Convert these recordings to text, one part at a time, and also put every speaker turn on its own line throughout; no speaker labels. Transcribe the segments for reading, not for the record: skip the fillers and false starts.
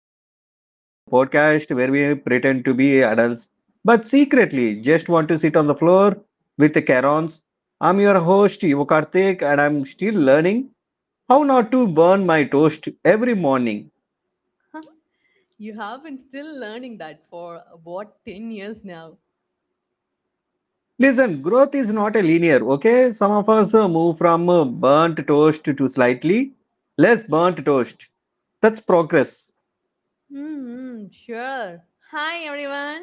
back to Learning, the podcast where we pretend to be adults but secretly just want to sit on the floor with the Karons. I'm your host Yuvakarthik and I'm still learning how not to burn my toast every morning.
You have been still learning that for about 10 years now.
Listen, growth is not a linear, okay? Some of us move from burnt toast to slightly less burnt toast. That's progress.
Hmm, sure. Hi everyone.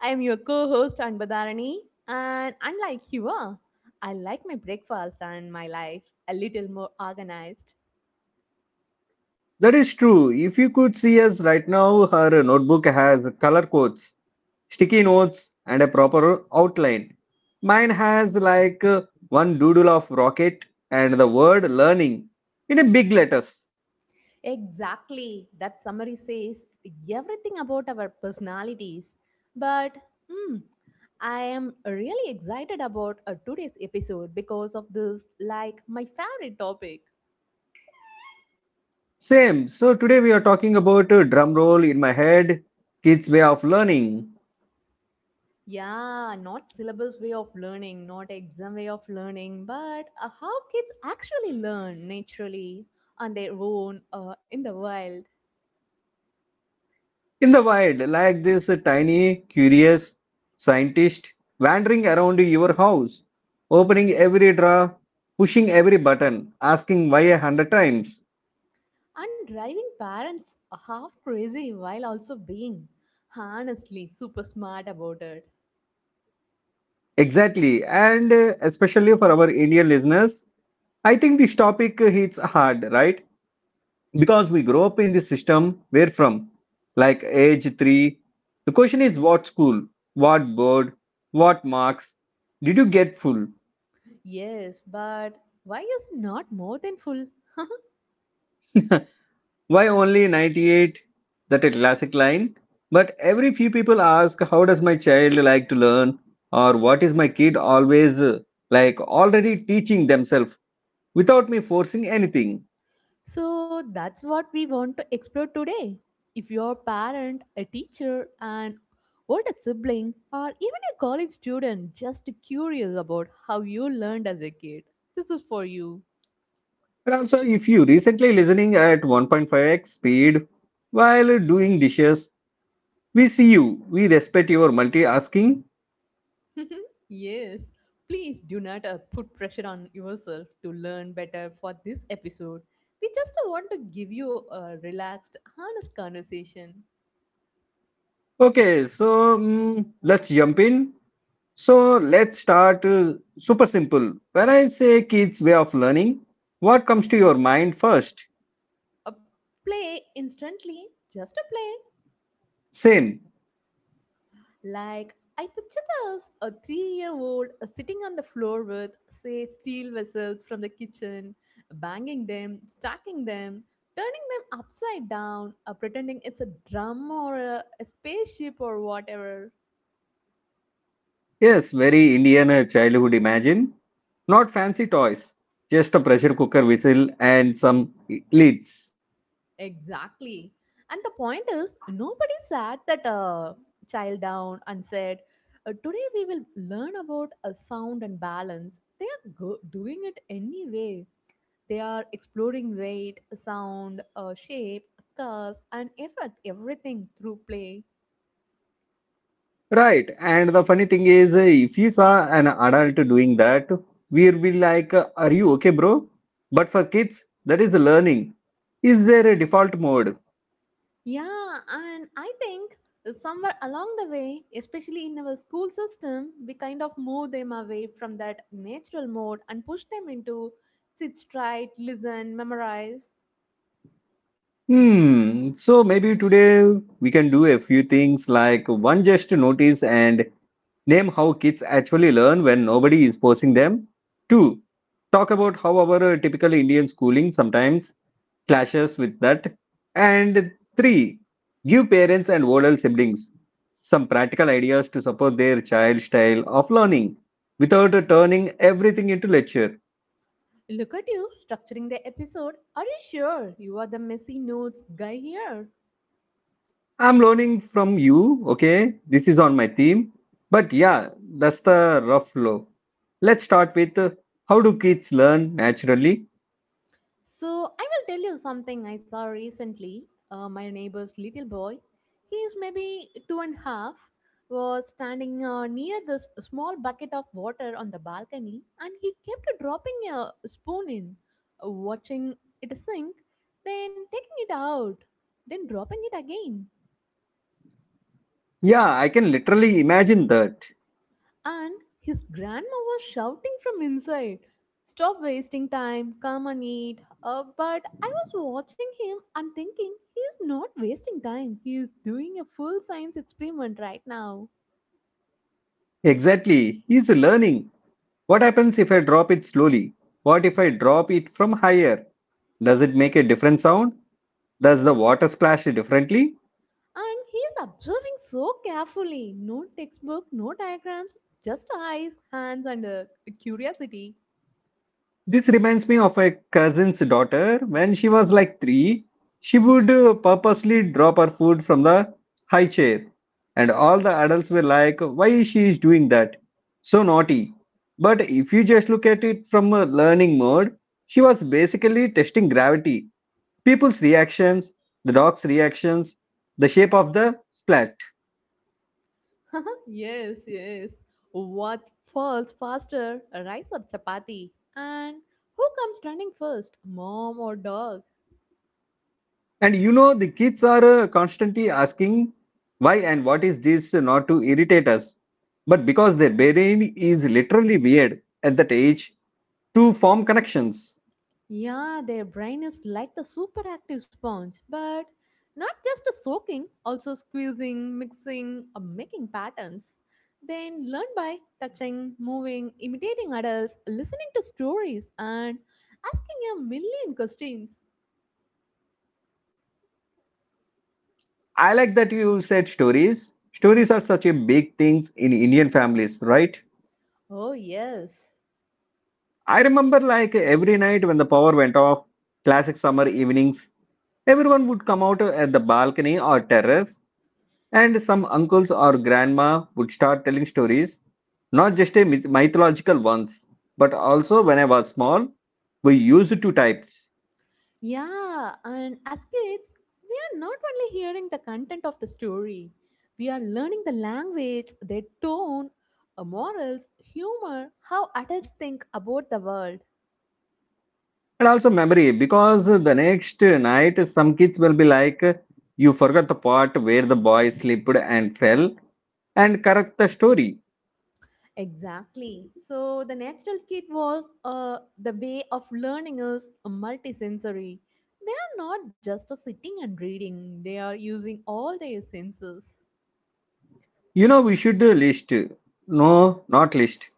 I am your co-host Anbadarani and unlike you are, I like my breakfast and my life a little more organized.
That is true. If you could see us right now, her notebook has color codes sticky notes and a proper outline. Mine has like one doodle of rocket and the word learning in a big letters.
Exactly. That summary says everything about our personalities. But hmm, I am really excited about today's episode because of this, like, my favorite topic.
Same. So today we are talking about drum roll in my head, kids' way of learning
Yeah, not syllabus way of learning, not exam way of learning, but how kids actually learn naturally on their own in the wild,
in the wild, like this tiny, curious scientist wandering around your house, opening every drawer, pushing every button, asking why a hundred times.
and driving parents half crazy while also being honestly super smart about it.
Exactly, and especially for our Indian listeners, I think this topic hits hard, right? Because we grow up in this system, where from? Like age three. The question is what school, what board, what marks? Did you get full?
Yes, but why is not more than full?
Why only 98? That a classic line. But every few people ask, how does my child like to learn? Or what is my kid always like already teaching themselves without me forcing anything?
So that's what we want to explore today. If you're a parent, a teacher, an older sibling, or even a college student just curious about how you learned as a kid, this is for you.
And also, if you recently listening at 1.5x speed while doing dishes, we see you. We respect your multitasking.
Yes, please do not put pressure on yourself to learn better for this episode. We just want to give you a relaxed, honest conversation.
Okay, so let's jump in. So let's start super simple. When I say kids' way of learning, what comes to your mind first?
A play instantly, just a play.
Same.
Like, I picture this a 3 year old sitting on the floor with, say, steel vessels from the kitchen, banging them, stacking them, turning them upside down, pretending it's a drum or a spaceship or whatever.
Yes, very Indian childhood imagine. Not fancy toys, just a pressure cooker whistle and some lids.
Exactly. And the point is, nobody sat that child down and said, today we will learn about a sound and balance. Doing it anyway. They are exploring weight, sound, shape, curves, and effect, everything through play.
Right. And the funny thing is, if you saw an adult doing that, we will be like, are you okay, bro? But for kids, that is learning. Is there a default mode?
Yeah, and I think somewhere along the way, especially in our school system, we kind of move them away from that natural mode and push them into sit straight, listen, memorize.
Hmm. So maybe today we can do a few things like one, just to notice and name how kids actually learn when nobody is forcing them. Two, talk about how our typical Indian schooling sometimes clashes with that. And three, give parents and older siblings some practical ideas to support their child style of learning without turning everything into lecture.
Look at you structuring the episode. Are you sure you are the messy notes guy here?
I'm learning from you, okay? This is on my theme. But yeah, that's the rough flow. Let's start with how do kids learn naturally?
So I will tell you something I saw recently. My neighbor's little boy, he is maybe 2.5, was standing near this small bucket of water on the balcony, and he kept dropping a spoon in, watching it sink, then taking it out, then dropping it again.
Yeah, I can literally imagine that.
And his grandma was shouting from inside, stop wasting time, come and eat. But I was watching him and thinking, he is not wasting time. He is doing a full science experiment right now.
Exactly. He's learning. What happens if I drop it slowly? What if I drop it from higher? Does it make a different sound? Does the water splash differently?
And he is observing so carefully. No textbook, no diagrams, just eyes, hands, and a curiosity.
This reminds me of a cousin's daughter. When she was like three, she would purposely drop her food from the high chair. And all the adults were like, why she is doing that? So naughty. But if you just look at it from a learning mode, she was basically testing gravity, people's reactions, the dog's reactions, the shape of the splash.
Yes, yes. What falls faster, rice or chapati? And who comes running first, mom or dog?
And you know, the kids are constantly asking why and what is this not to irritate us, but because their brain is literally weird at that age to form connections.
Yeah, their brain is like the superactive sponge, but not just a soaking, also squeezing, mixing, or making patterns. Then learn by touching, moving, imitating adults, listening to stories, and asking a million questions.
I like that you said stories. Stories are such a big things in Indian families, right?
Oh, yes.
I remember like every night when the power went off, classic summer evenings, everyone would come out at the balcony or terrace. And some uncles or grandma would start telling stories, not just a mythological ones, but also when I was small, we used two types.
Yeah, and as kids, we are not only hearing the content of the story, we are learning the language, their tone, morals, humor, how adults think about the world.
And also memory, because the next night some kids will be like, you forgot the part where the boy slipped and fell, and correct the story.
Exactly. So the natural kit was the way of learning is multisensory. They are not just sitting and reading, they are using all their senses.
You know, we should list. No, not list,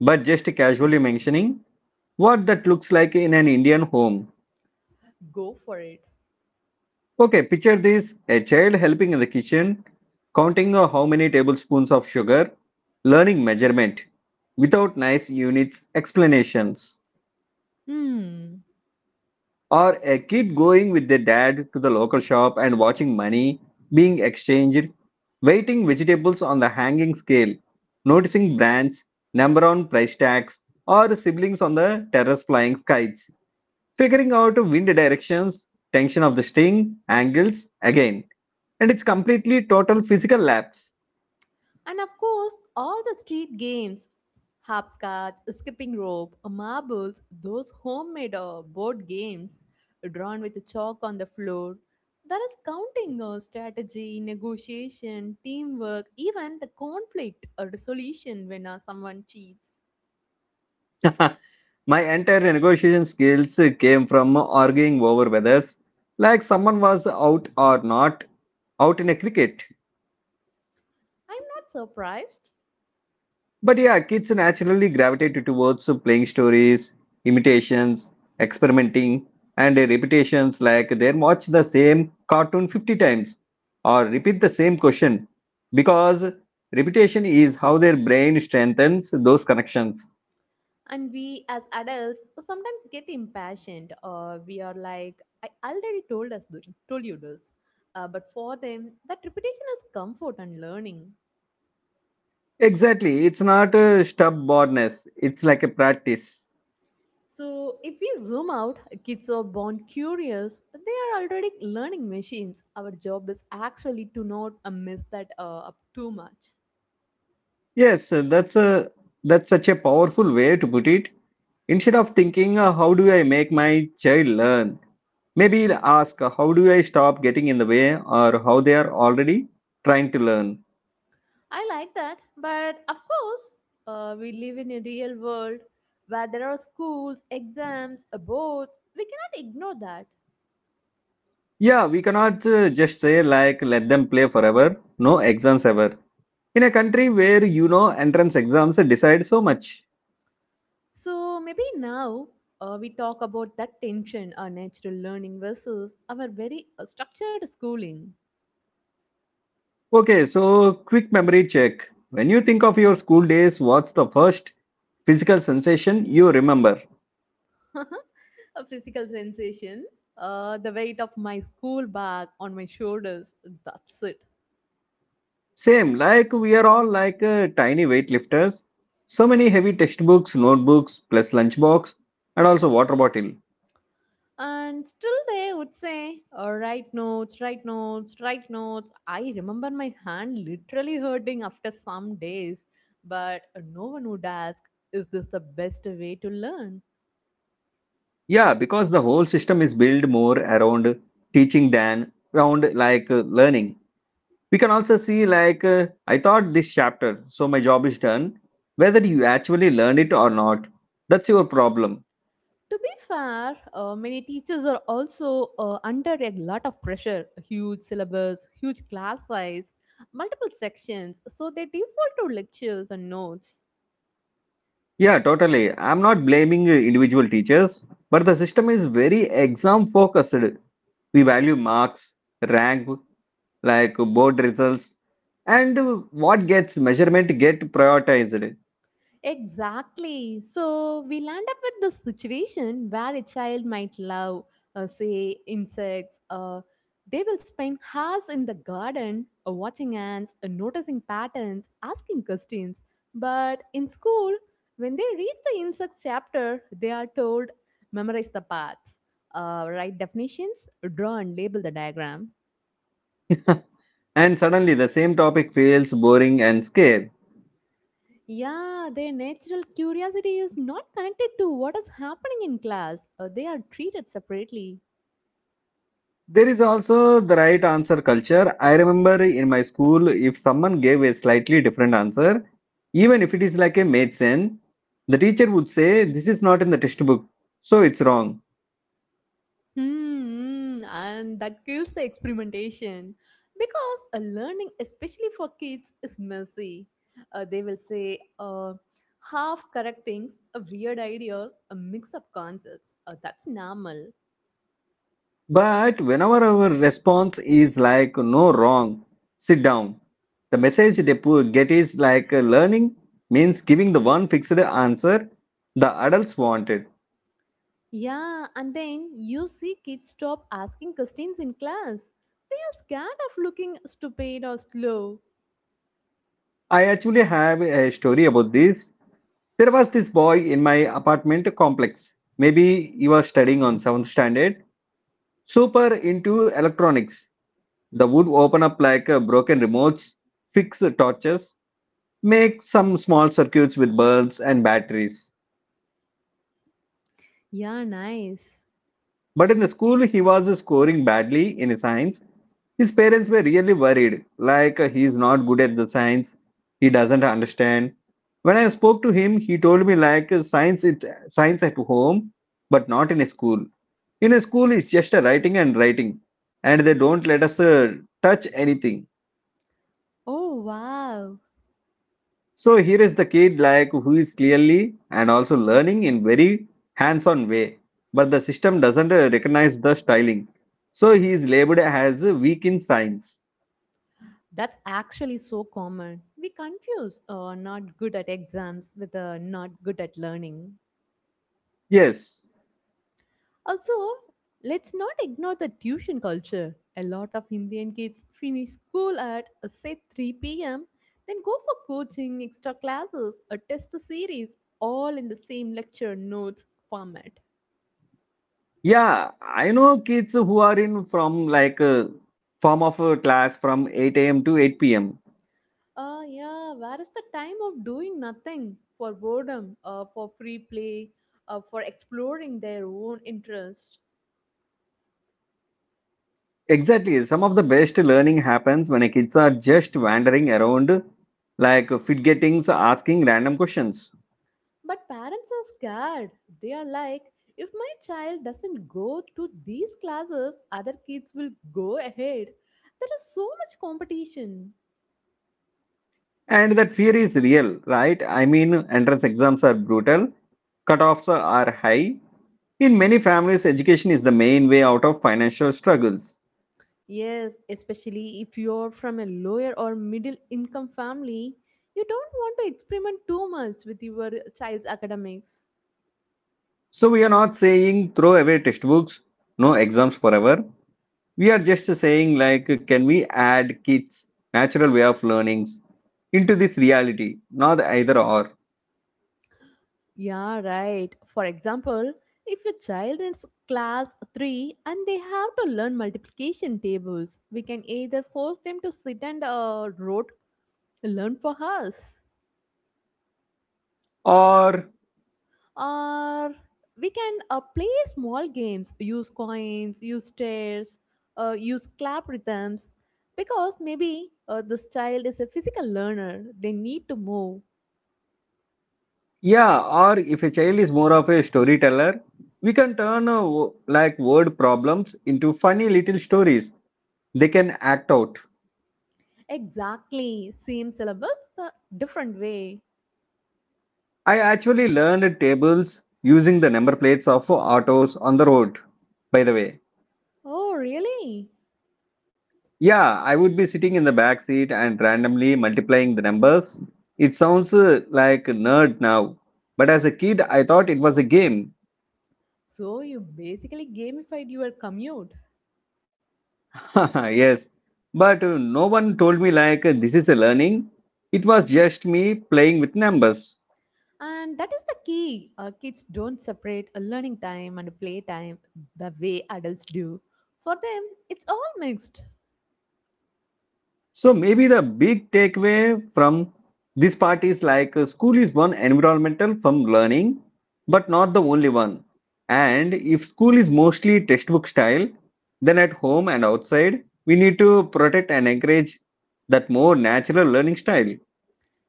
but just casually mentioning what that looks like in an Indian home.
Go for it.
Okay, picture this a child helping in the kitchen, counting how many tablespoons of sugar, learning measurement without nice units explanations,
Hmm.
or a kid going with their dad to the local shop and watching money being exchanged, weighting vegetables on the hanging scale, noticing brands, number on price tags, or siblings on the terrace flying kites, figuring out wind directions, tension of the string, angles again and it's completely total physical laps.
And of course, all the street games hopscotch, skipping rope, marbles, those homemade board games drawn with chalk on the floor. There is counting, strategy, negotiation, teamwork, even the conflict or resolution when someone cheats.
My entire negotiation skills came from arguing over whether like someone was out or not out in a cricket.
I'm not surprised.
But yeah, kids naturally gravitated towards playing stories, imitations, experimenting, and repetitions like they watch the same cartoon 50 times or repeat the same question because repetition is how their brain strengthens those connections.
And we as adults sometimes get impatient or we are like, I already told you this. But for them, that repetition is comfort and learning.
Exactly. It's not a stubbornness. It's like a practice.
So if we zoom out, kids are born curious. They are already learning machines. Our job is actually to not miss that up too much.
Yes, that's a that's such a powerful way to put it. Instead of thinking, how do I make my child learn? Maybe ask, how do I stop getting in the way or how they are already trying to learn?
I like that, but of course, we live in a real world where there are schools, exams, boards. We cannot ignore that.
Yeah, we cannot just say like let them play forever, no exams ever. In a country where you know entrance exams decide so much.
So maybe now we talk about that tension, our natural learning versus our very structured schooling.
Okay, so quick memory check. When you think of your school days, what's the first physical sensation you remember.
A physical sensation, the weight of my school bag on my shoulders, that's it.
Same, like we are all like tiny weightlifters. So many heavy textbooks, notebooks, plus lunchbox, and also water bottle.
And still they would say, write notes, write notes, write notes. I remember my hand literally hurting after some days, but no one would ask, is this the best way to learn?
Yeah, because the whole system is built more around teaching than around like learning. We can also see like I taught this chapter, so my job is done. Whether you actually learned it or not, that's your problem.
To be fair, many teachers are also under a lot of pressure, huge syllabus, huge class size, multiple sections, so they default to lectures and notes.
Yeah, totally. I'm not blaming individual teachers, but the system is very exam focused. We value marks, rank, like board results, and what gets measurement get prioritized.
Exactly. So we land up with this situation where a child might love, say, insects. They will spend hours in the garden watching ants, noticing patterns, asking questions. But in school, when they reach the insects chapter, they are told memorize the parts, write definitions, draw and label the diagram.
And suddenly the same topic feels boring and scary.
Yeah, their natural curiosity is not connected to what is happening in class. They are treated separately.
There is also the right answer culture. I remember in my school, if someone gave a slightly different answer, even if it is like a made sense, the teacher would say, this is not in the textbook, so it's wrong.
And that kills the experimentation because a learning, especially for kids, is messy. They will say half correct things, weird ideas, a mix up concepts. That's normal.
But whenever our response is like, no, wrong, sit down, the message they get is like, learning means giving the one fixed answer the adults wanted.
Yeah, and then you see kids stop asking questions in class. They are scared of looking stupid or slow.
I actually have a story about this. There was this boy in my apartment complex. Maybe he was studying on 7th standard, super into electronics. The would open up like broken remotes, fix the torches, make some small circuits with bulbs and batteries.
Yeah, nice.
But in the school, he was scoring badly in science. His parents were really worried, like he is not good at the science, he doesn't understand. When I spoke to him, he told me like science at home, but not in a school. In a school, it's just a writing and writing, and they don't let us touch anything.
Oh, wow.
So here is the kid like who is clearly and also learning in very hands-on way, but the system doesn't recognize the styling. So he is labeled as weak in science.
That's actually so common. We confuse not good at exams with not good at learning.
Yes.
Also, let's not ignore the tuition culture. A lot of Indian kids finish school at, say, 3 p.m., then go for coaching, extra classes, a test series, all in the same lecture notes format.
Yeah, I know kids who are in from like a form of a class from 8 a.m. to 8 p.m.
Yeah, where is the time of doing nothing for boredom, for free play, for exploring their own interests?
Exactly. Some of the best learning happens when kids are just wandering around like fidgetings asking random questions.
But parents are scared. They are like, if my child doesn't go to these classes, other kids will go ahead. There is so much competition.
And that fear is real, right? I mean, entrance exams are brutal, cutoffs are high. In many families, education is the main way out of financial struggles.
Yes, especially if you're from a lower or middle income family, you don't want to experiment too much with your child's academics.
So, we are not saying throw away textbooks, no exams forever. We are just saying, like, can we add kids' natural way of learnings into this reality? Not either or.
Yeah, right. For example, if your child is class 3 and they have to learn multiplication tables, we can either force them to sit and rote learn for us,
Or,
or we can play small games, use coins, use stairs, use clap rhythms, because maybe this child is a physical learner, they need to move.
yeah, or if a child is more of a storyteller, we can turn like word problems into funny little stories. They can act out.
Exactly, same syllabus but different way.
I actually learned tables using the number plates of autos on the road, by the way.
Oh really?
Yeah, I would be sitting in the back seat and randomly multiplying the numbers. It sounds like a nerd now, but as a kid, I thought it was a game.
So you basically gamified your commute.
Yes, but no one told me like this is a learning. It was just me playing with numbers.
And that is the key. Kids don't separate a learning time and play time the way adults do. For them, it's all mixed.
So maybe the big takeaway from this part is like school is one environmental from learning, but not the only one. And if school is mostly textbook style, then at home and outside, we need to protect and encourage that more natural learning style.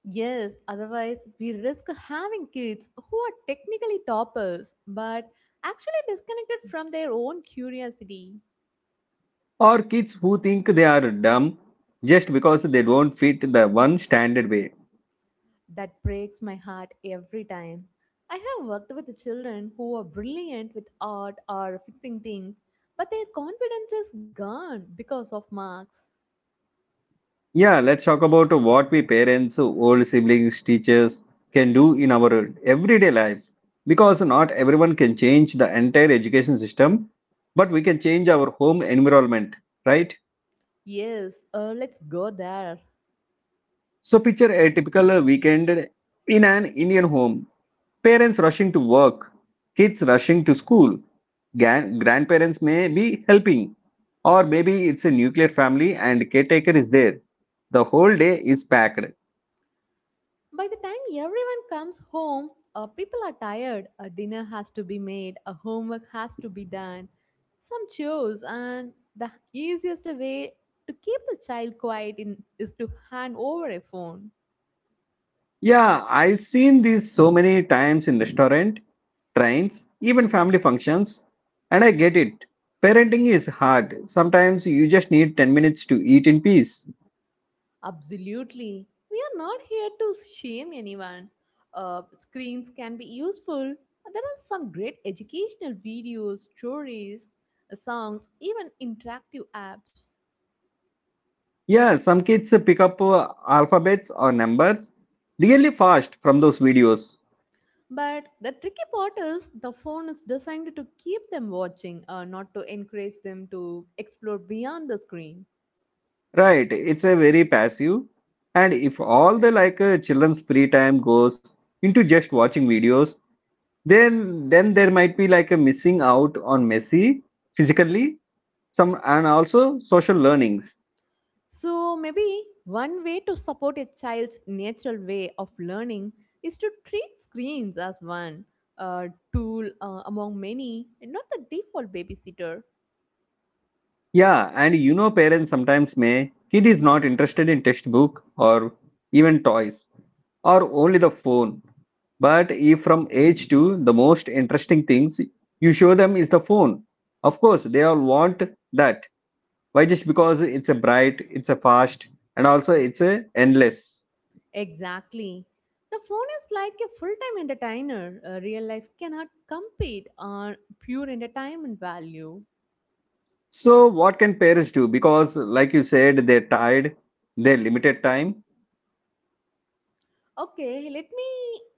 Yes, otherwise, we risk having kids who are technically toppers but actually disconnected from their own curiosity.
Or kids who think they are dumb just because they don't fit the one standard way.
That breaks my heart every time. I have worked with children who are brilliant with art or fixing things, but their confidence is gone because of marks.
Yeah, let's talk about what we parents, old siblings, teachers can do in our everyday life. Because not everyone can change the entire education system, but we can change our home environment, right?
Yes, let's go there.
So, picture a typical weekend in an Indian home. Parents rushing to work, kids rushing to school, grandparents may be helping, or maybe it's a nuclear family and caretaker is there. The whole day is packed.
By the time everyone comes home, people are tired. A dinner has to be made, a homework has to be done, some chores, and the easiest way to keep the child quiet in, is to hand over a phone.
Yeah, I've seen these so many times in restaurant, trains, even family functions, and I get it. Parenting is hard. Sometimes you just need 10 minutes to eat in peace.
Absolutely. We are not here to shame anyone. Screens can be useful. There are some great educational videos, stories, songs, even interactive apps.
Yeah, some kids pick up alphabets or numbers really fast from those videos.
But the tricky part is the phone is designed to keep them watching, not to encourage them to explore beyond the screen.
Right, it's a very passive. And if all the like children's free time goes into just watching videos, then there might be like a missing out on messy physically some and also social learnings
So, maybe one way to support a child's natural way of learning is to treat screens as one uh, tool among many and not the default babysitter.
yeah and parents sometimes may kid is not interested in textbook or even toys or only the phone. But if from age 2 the most interesting things you show them is the phone, of course they all want that. Why? Just because it's a bright, it's a fast, and also it's a endless.
Exactly. The phone is like a full time entertainer. Real life cannot compete on pure entertainment value.
So what can parents do, because like you said they're tired, they're limited time?
Okay, let me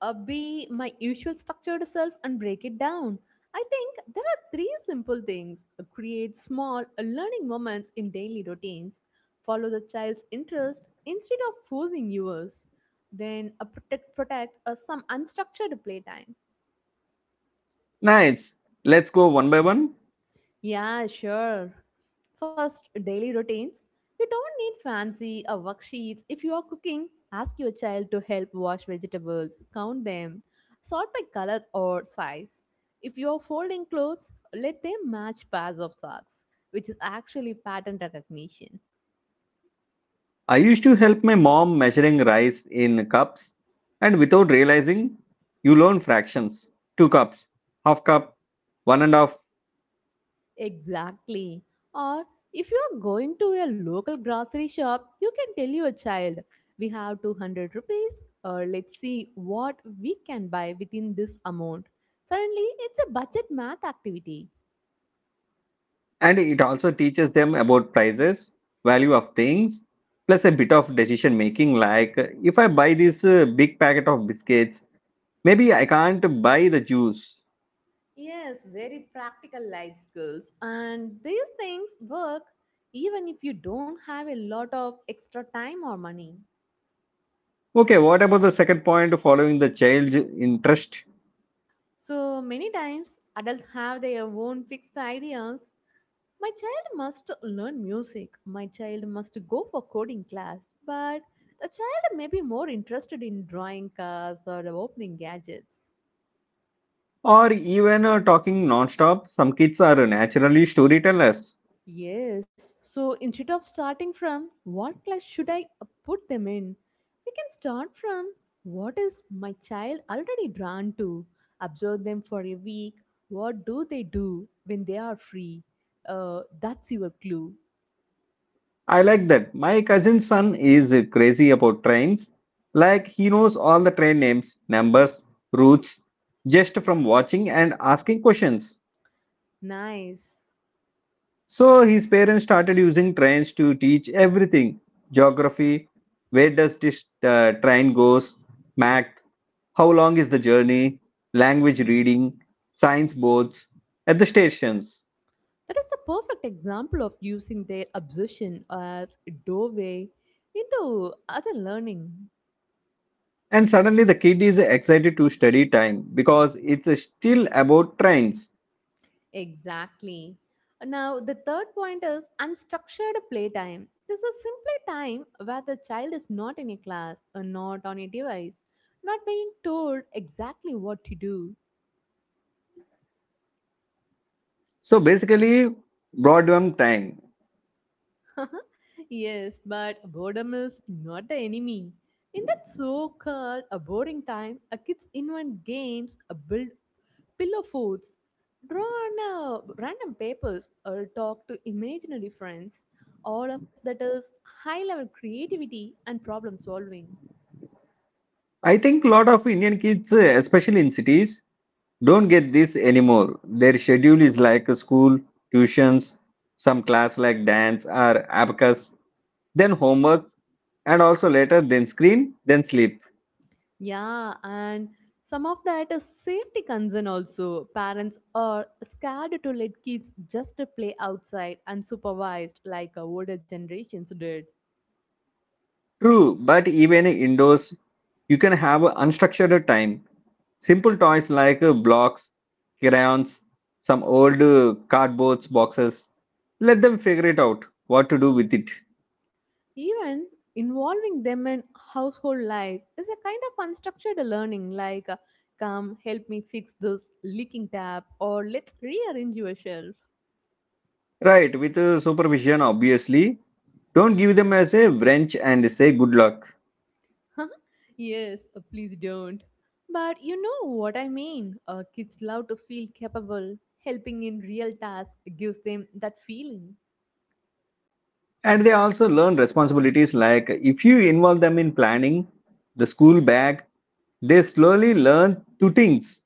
be my usual structured self and break it down. I think there are three simple things. Create small learning moments in daily routines, follow the child's interest instead of forcing yours, then protect some unstructured playtime.
Nice, let's go one by one.
Yeah, sure. First, daily routines. You don't need fancy or worksheets. If you are cooking, ask your child to help wash vegetables, count them, sort by color or size. If you are folding clothes, let them match pairs of socks, which is actually pattern recognition.
I used to help my mom measuring rice in cups, and without realizing, you learn fractions: two cups, half cup, one and a half.
Exactly. Or if you are going to a local grocery shop, you can tell your child, we have 200 rupees, or let's see what we can buy within this amount. Suddenly, it's a budget math activity.
And it also teaches them about prices, value of things, plus a bit of decision making. Like if I buy this big packet of biscuits, maybe I can't buy the juice.
Yes, very practical life skills. And these things work even if you don't have a lot of extra time or money.
Okay, what about the second point, following the child's interest?
So many times, adults have their own fixed ideas. My child must learn music. My child must go for coding class. But the child may be more interested in drawing cars or opening gadgets.
Or even talking non-stop, some kids are naturally storytellers.
Yes, so instead of starting from what class should I put them in, we can start from what is my child already drawn to. Observe them for a week. What do they do when they are free? That's your clue.
I like that. My cousin's son is crazy about trains. Like he knows all the train names, numbers, routes just from watching and asking questions.
Nice.
So his parents started using trains to teach everything: geography, where does this train goes, math, how long is the journey, language reading, science boards at the stations.
That is a perfect example of using their obsession as a doorway into other learning.
And suddenly the kid is excited to study time because it's still about trains.
Exactly. Now, the third point is unstructured playtime. This is simply time where the child is not in a class or not on a device, not being told exactly what to do.
So basically, Broadband time.
Yes, but boredom is not the enemy. In that so called a boring time, a kids invent games, a build pillow foods, draw on random papers, or talk to imaginary friends. All of that is high level creativity and problem solving.
I think a lot of Indian kids, especially in cities, don't get this anymore. Their schedule is like a school, tuitions, some class like dance or abacus, then homework, and also later then screen, then sleep.
Yeah, and some of that is safety concern also. Parents are scared to let kids just play outside unsupervised like older generations did.
True, but even indoors, you can have a unstructured time. Simple toys like blocks, crayons, some old cardboard boxes. Let them figure it out what to do with it.
Even involving them in household life is a kind of unstructured learning like come help me fix this leaking tap or let's rearrange your shelf.
Right, with supervision, obviously. Don't give them as a wrench and say good luck.
Yes, please don't, but you know what I mean. Kids love to feel capable. Helping in real tasks gives them that feeling.
And they also learn responsibilities like if you involve them in planning the school bag, they slowly learn two things: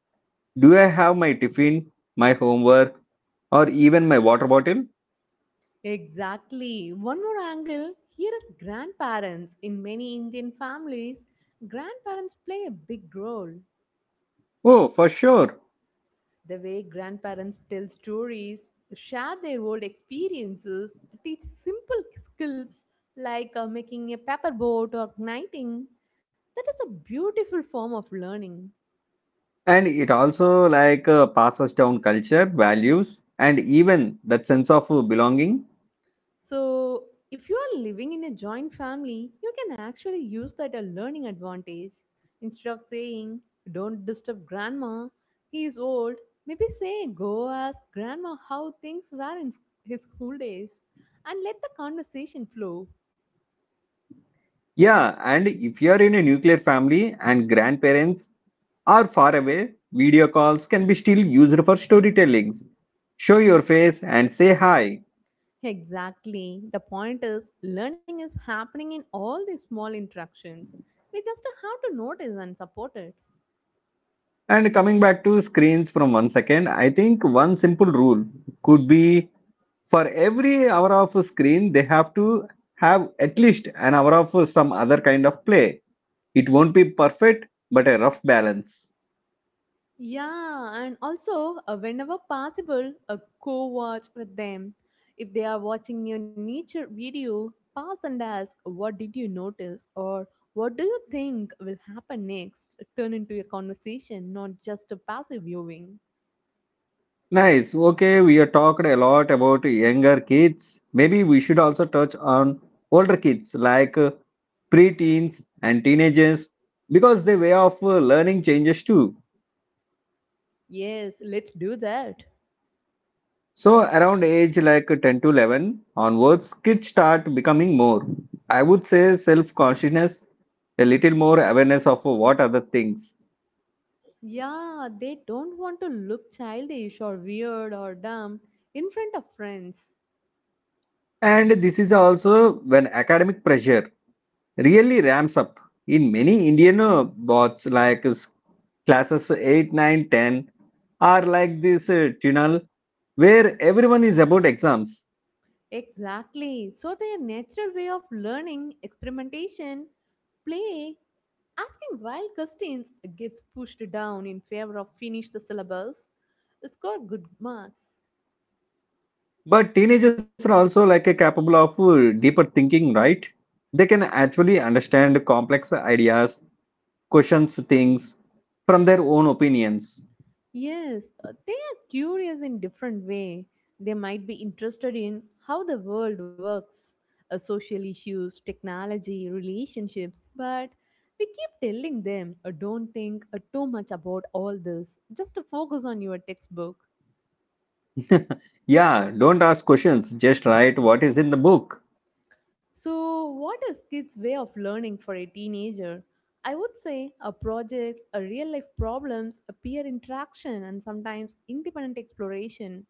do I have my tiffin, my homework, or even my water bottle?
Exactly. One more angle here is grandparents. In many Indian families, grandparents play a big role.
Oh, for sure.
The way grandparents tell stories, share their old experiences, teach simple skills like making a paper boat or knitting, that is a beautiful form of learning.
And it also like passes down culture, values, and even that sense of belonging.
So, if you are living in a joint family, you can actually use that a learning advantage. Instead of saying, don't disturb grandma, he is old, maybe say, go ask grandma how things were in his school days, and let the conversation flow.
Yeah, and if you are in a nuclear family and grandparents or far away, video calls can be still used for storytellings. Show your face and say hi.
Exactly. The point is, learning is happening in all these small interactions. We just have to notice and support it.
And coming back to screens from 1 second, I think one simple rule could be, for every hour of screen, they have to have at least an hour of some other kind of play. It won't be perfect, but a rough balance.
Yeah, and also, whenever possible, co watch with them. If they are watching your nature video, pause and ask, what did you notice? Or what do you think will happen next? Turn into a conversation, not just a passive viewing.
Nice. Okay, we have talked a lot about younger kids. Maybe we should also touch on older kids like preteens and teenagers, because their way of learning changes too.
Yes, let's do that.
So, around age like 10 to 11 onwards, kids start becoming more, I would say, self consciousness, a little more awareness of what other things.
Yeah, they don't want to look childish or weird or dumb in front of friends.
And this is also when academic pressure really ramps up in many Indian bots like classes 8, 9, 10 are like this tunnel where everyone is about exams.
Exactly. So, their natural way of learning, experimentation, play, asking wild questions gets pushed down in favor of finish the syllabus, score good marks.
But teenagers are also like capable of deeper thinking, right? They can actually understand complex ideas, questions things from their own opinions.
Yes, they are curious in different way. They might be interested in how the world works, social issues, technology, relationships, but we keep telling them, don't think too much about all this. Just focus on your textbook.
Yeah, don't ask questions, just write what is in the book.
So, what is kids' way of learning for a teenager? I would say projects, real life problems, a peer interaction, and sometimes independent exploration.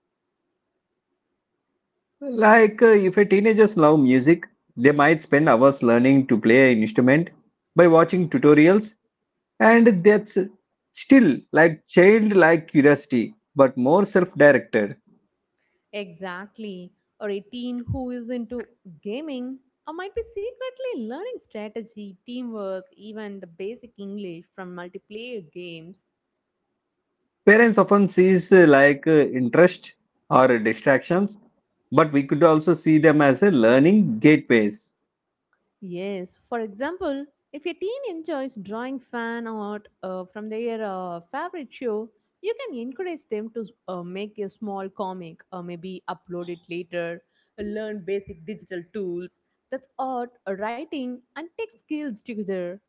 Like, if a teenagers love music, they might spend hours learning to play an instrument by watching tutorials, and that's still like childlike curiosity, but more self-directed.
Exactly. Or a teen who is into gaming or might be secretly learning strategy, teamwork, even the basic English from multiplayer games.
Parents often sees interest or distractions, but we could also see them as a learning gateways.
Yes, for example, if your teen enjoys drawing fan art from their favorite show, you can encourage them to make a small comic or maybe upload it later, learn basic digital tools. That's art, writing, and tech skills together.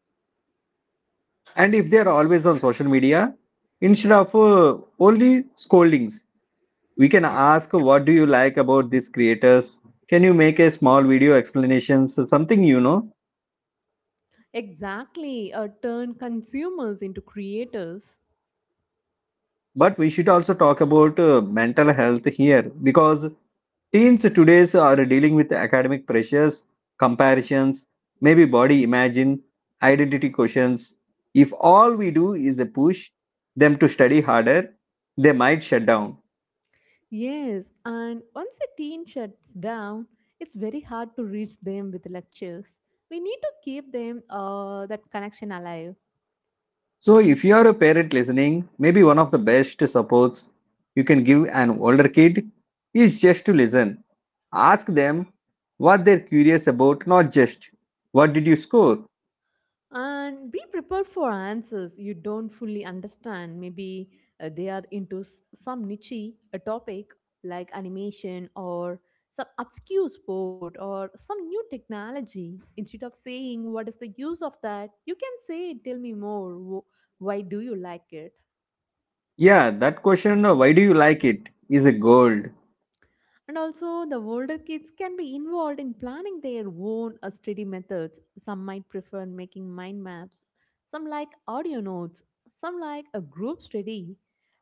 And if they are always on social media, instead of only scoldings, we can ask, what do you like about these creators? Can you make a small video explanations something, you know?
Exactly, turn consumers into creators.
But we should also talk about mental health here, because teens today's are dealing with academic pressures, comparisons, maybe body imagine, identity questions. If all we do is push them to study harder, they might shut down.
Yes, and once a teen shuts down, it's very hard to reach them with lectures. We need to keep them that connection alive.
So if you are a parent listening, maybe one of the best supports you can give an older kid is just to listen. Ask them what they're curious about, not just what did you score?
And be prepared for answers you don't fully understand. Maybe they are into some niche a topic like animation or some obscure sport or some new technology. Instead of saying what is the use of that, you can say tell me more. Why do you like it?
Yeah, that question, why do you like it, is a gold.
And also, the older kids can be involved in planning their own study methods. Some might prefer making mind maps, some like audio notes, some like a group study.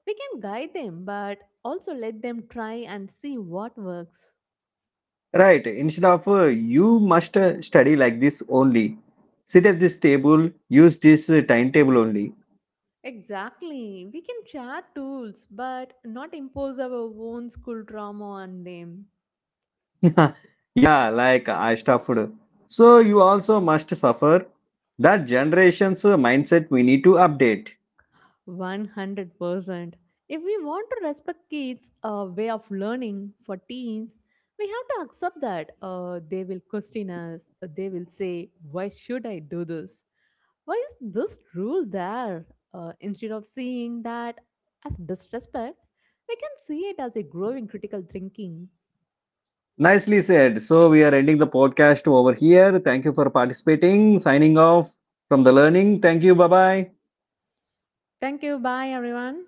We can guide them, but also let them try and see what works.
Right, instead of you must study like this only. Sit at this table, use this timetable only.
Exactly. We can share tools, but not impose our own school trauma on them.
Yeah, like I stuffed. So you also must suffer. That generation's mindset we need to update.
100%. If we want to respect kids' way of learning for teens, we have to accept that they will question us. They will say, why should I do this? Why is this rule there? Instead of seeing that as disrespect, we can see it as a growing critical thinking.
Nicely said. So we are ending the podcast over here. Thank you for participating. Signing off from the learning. Thank you. Bye bye.
Thank you. Bye, everyone.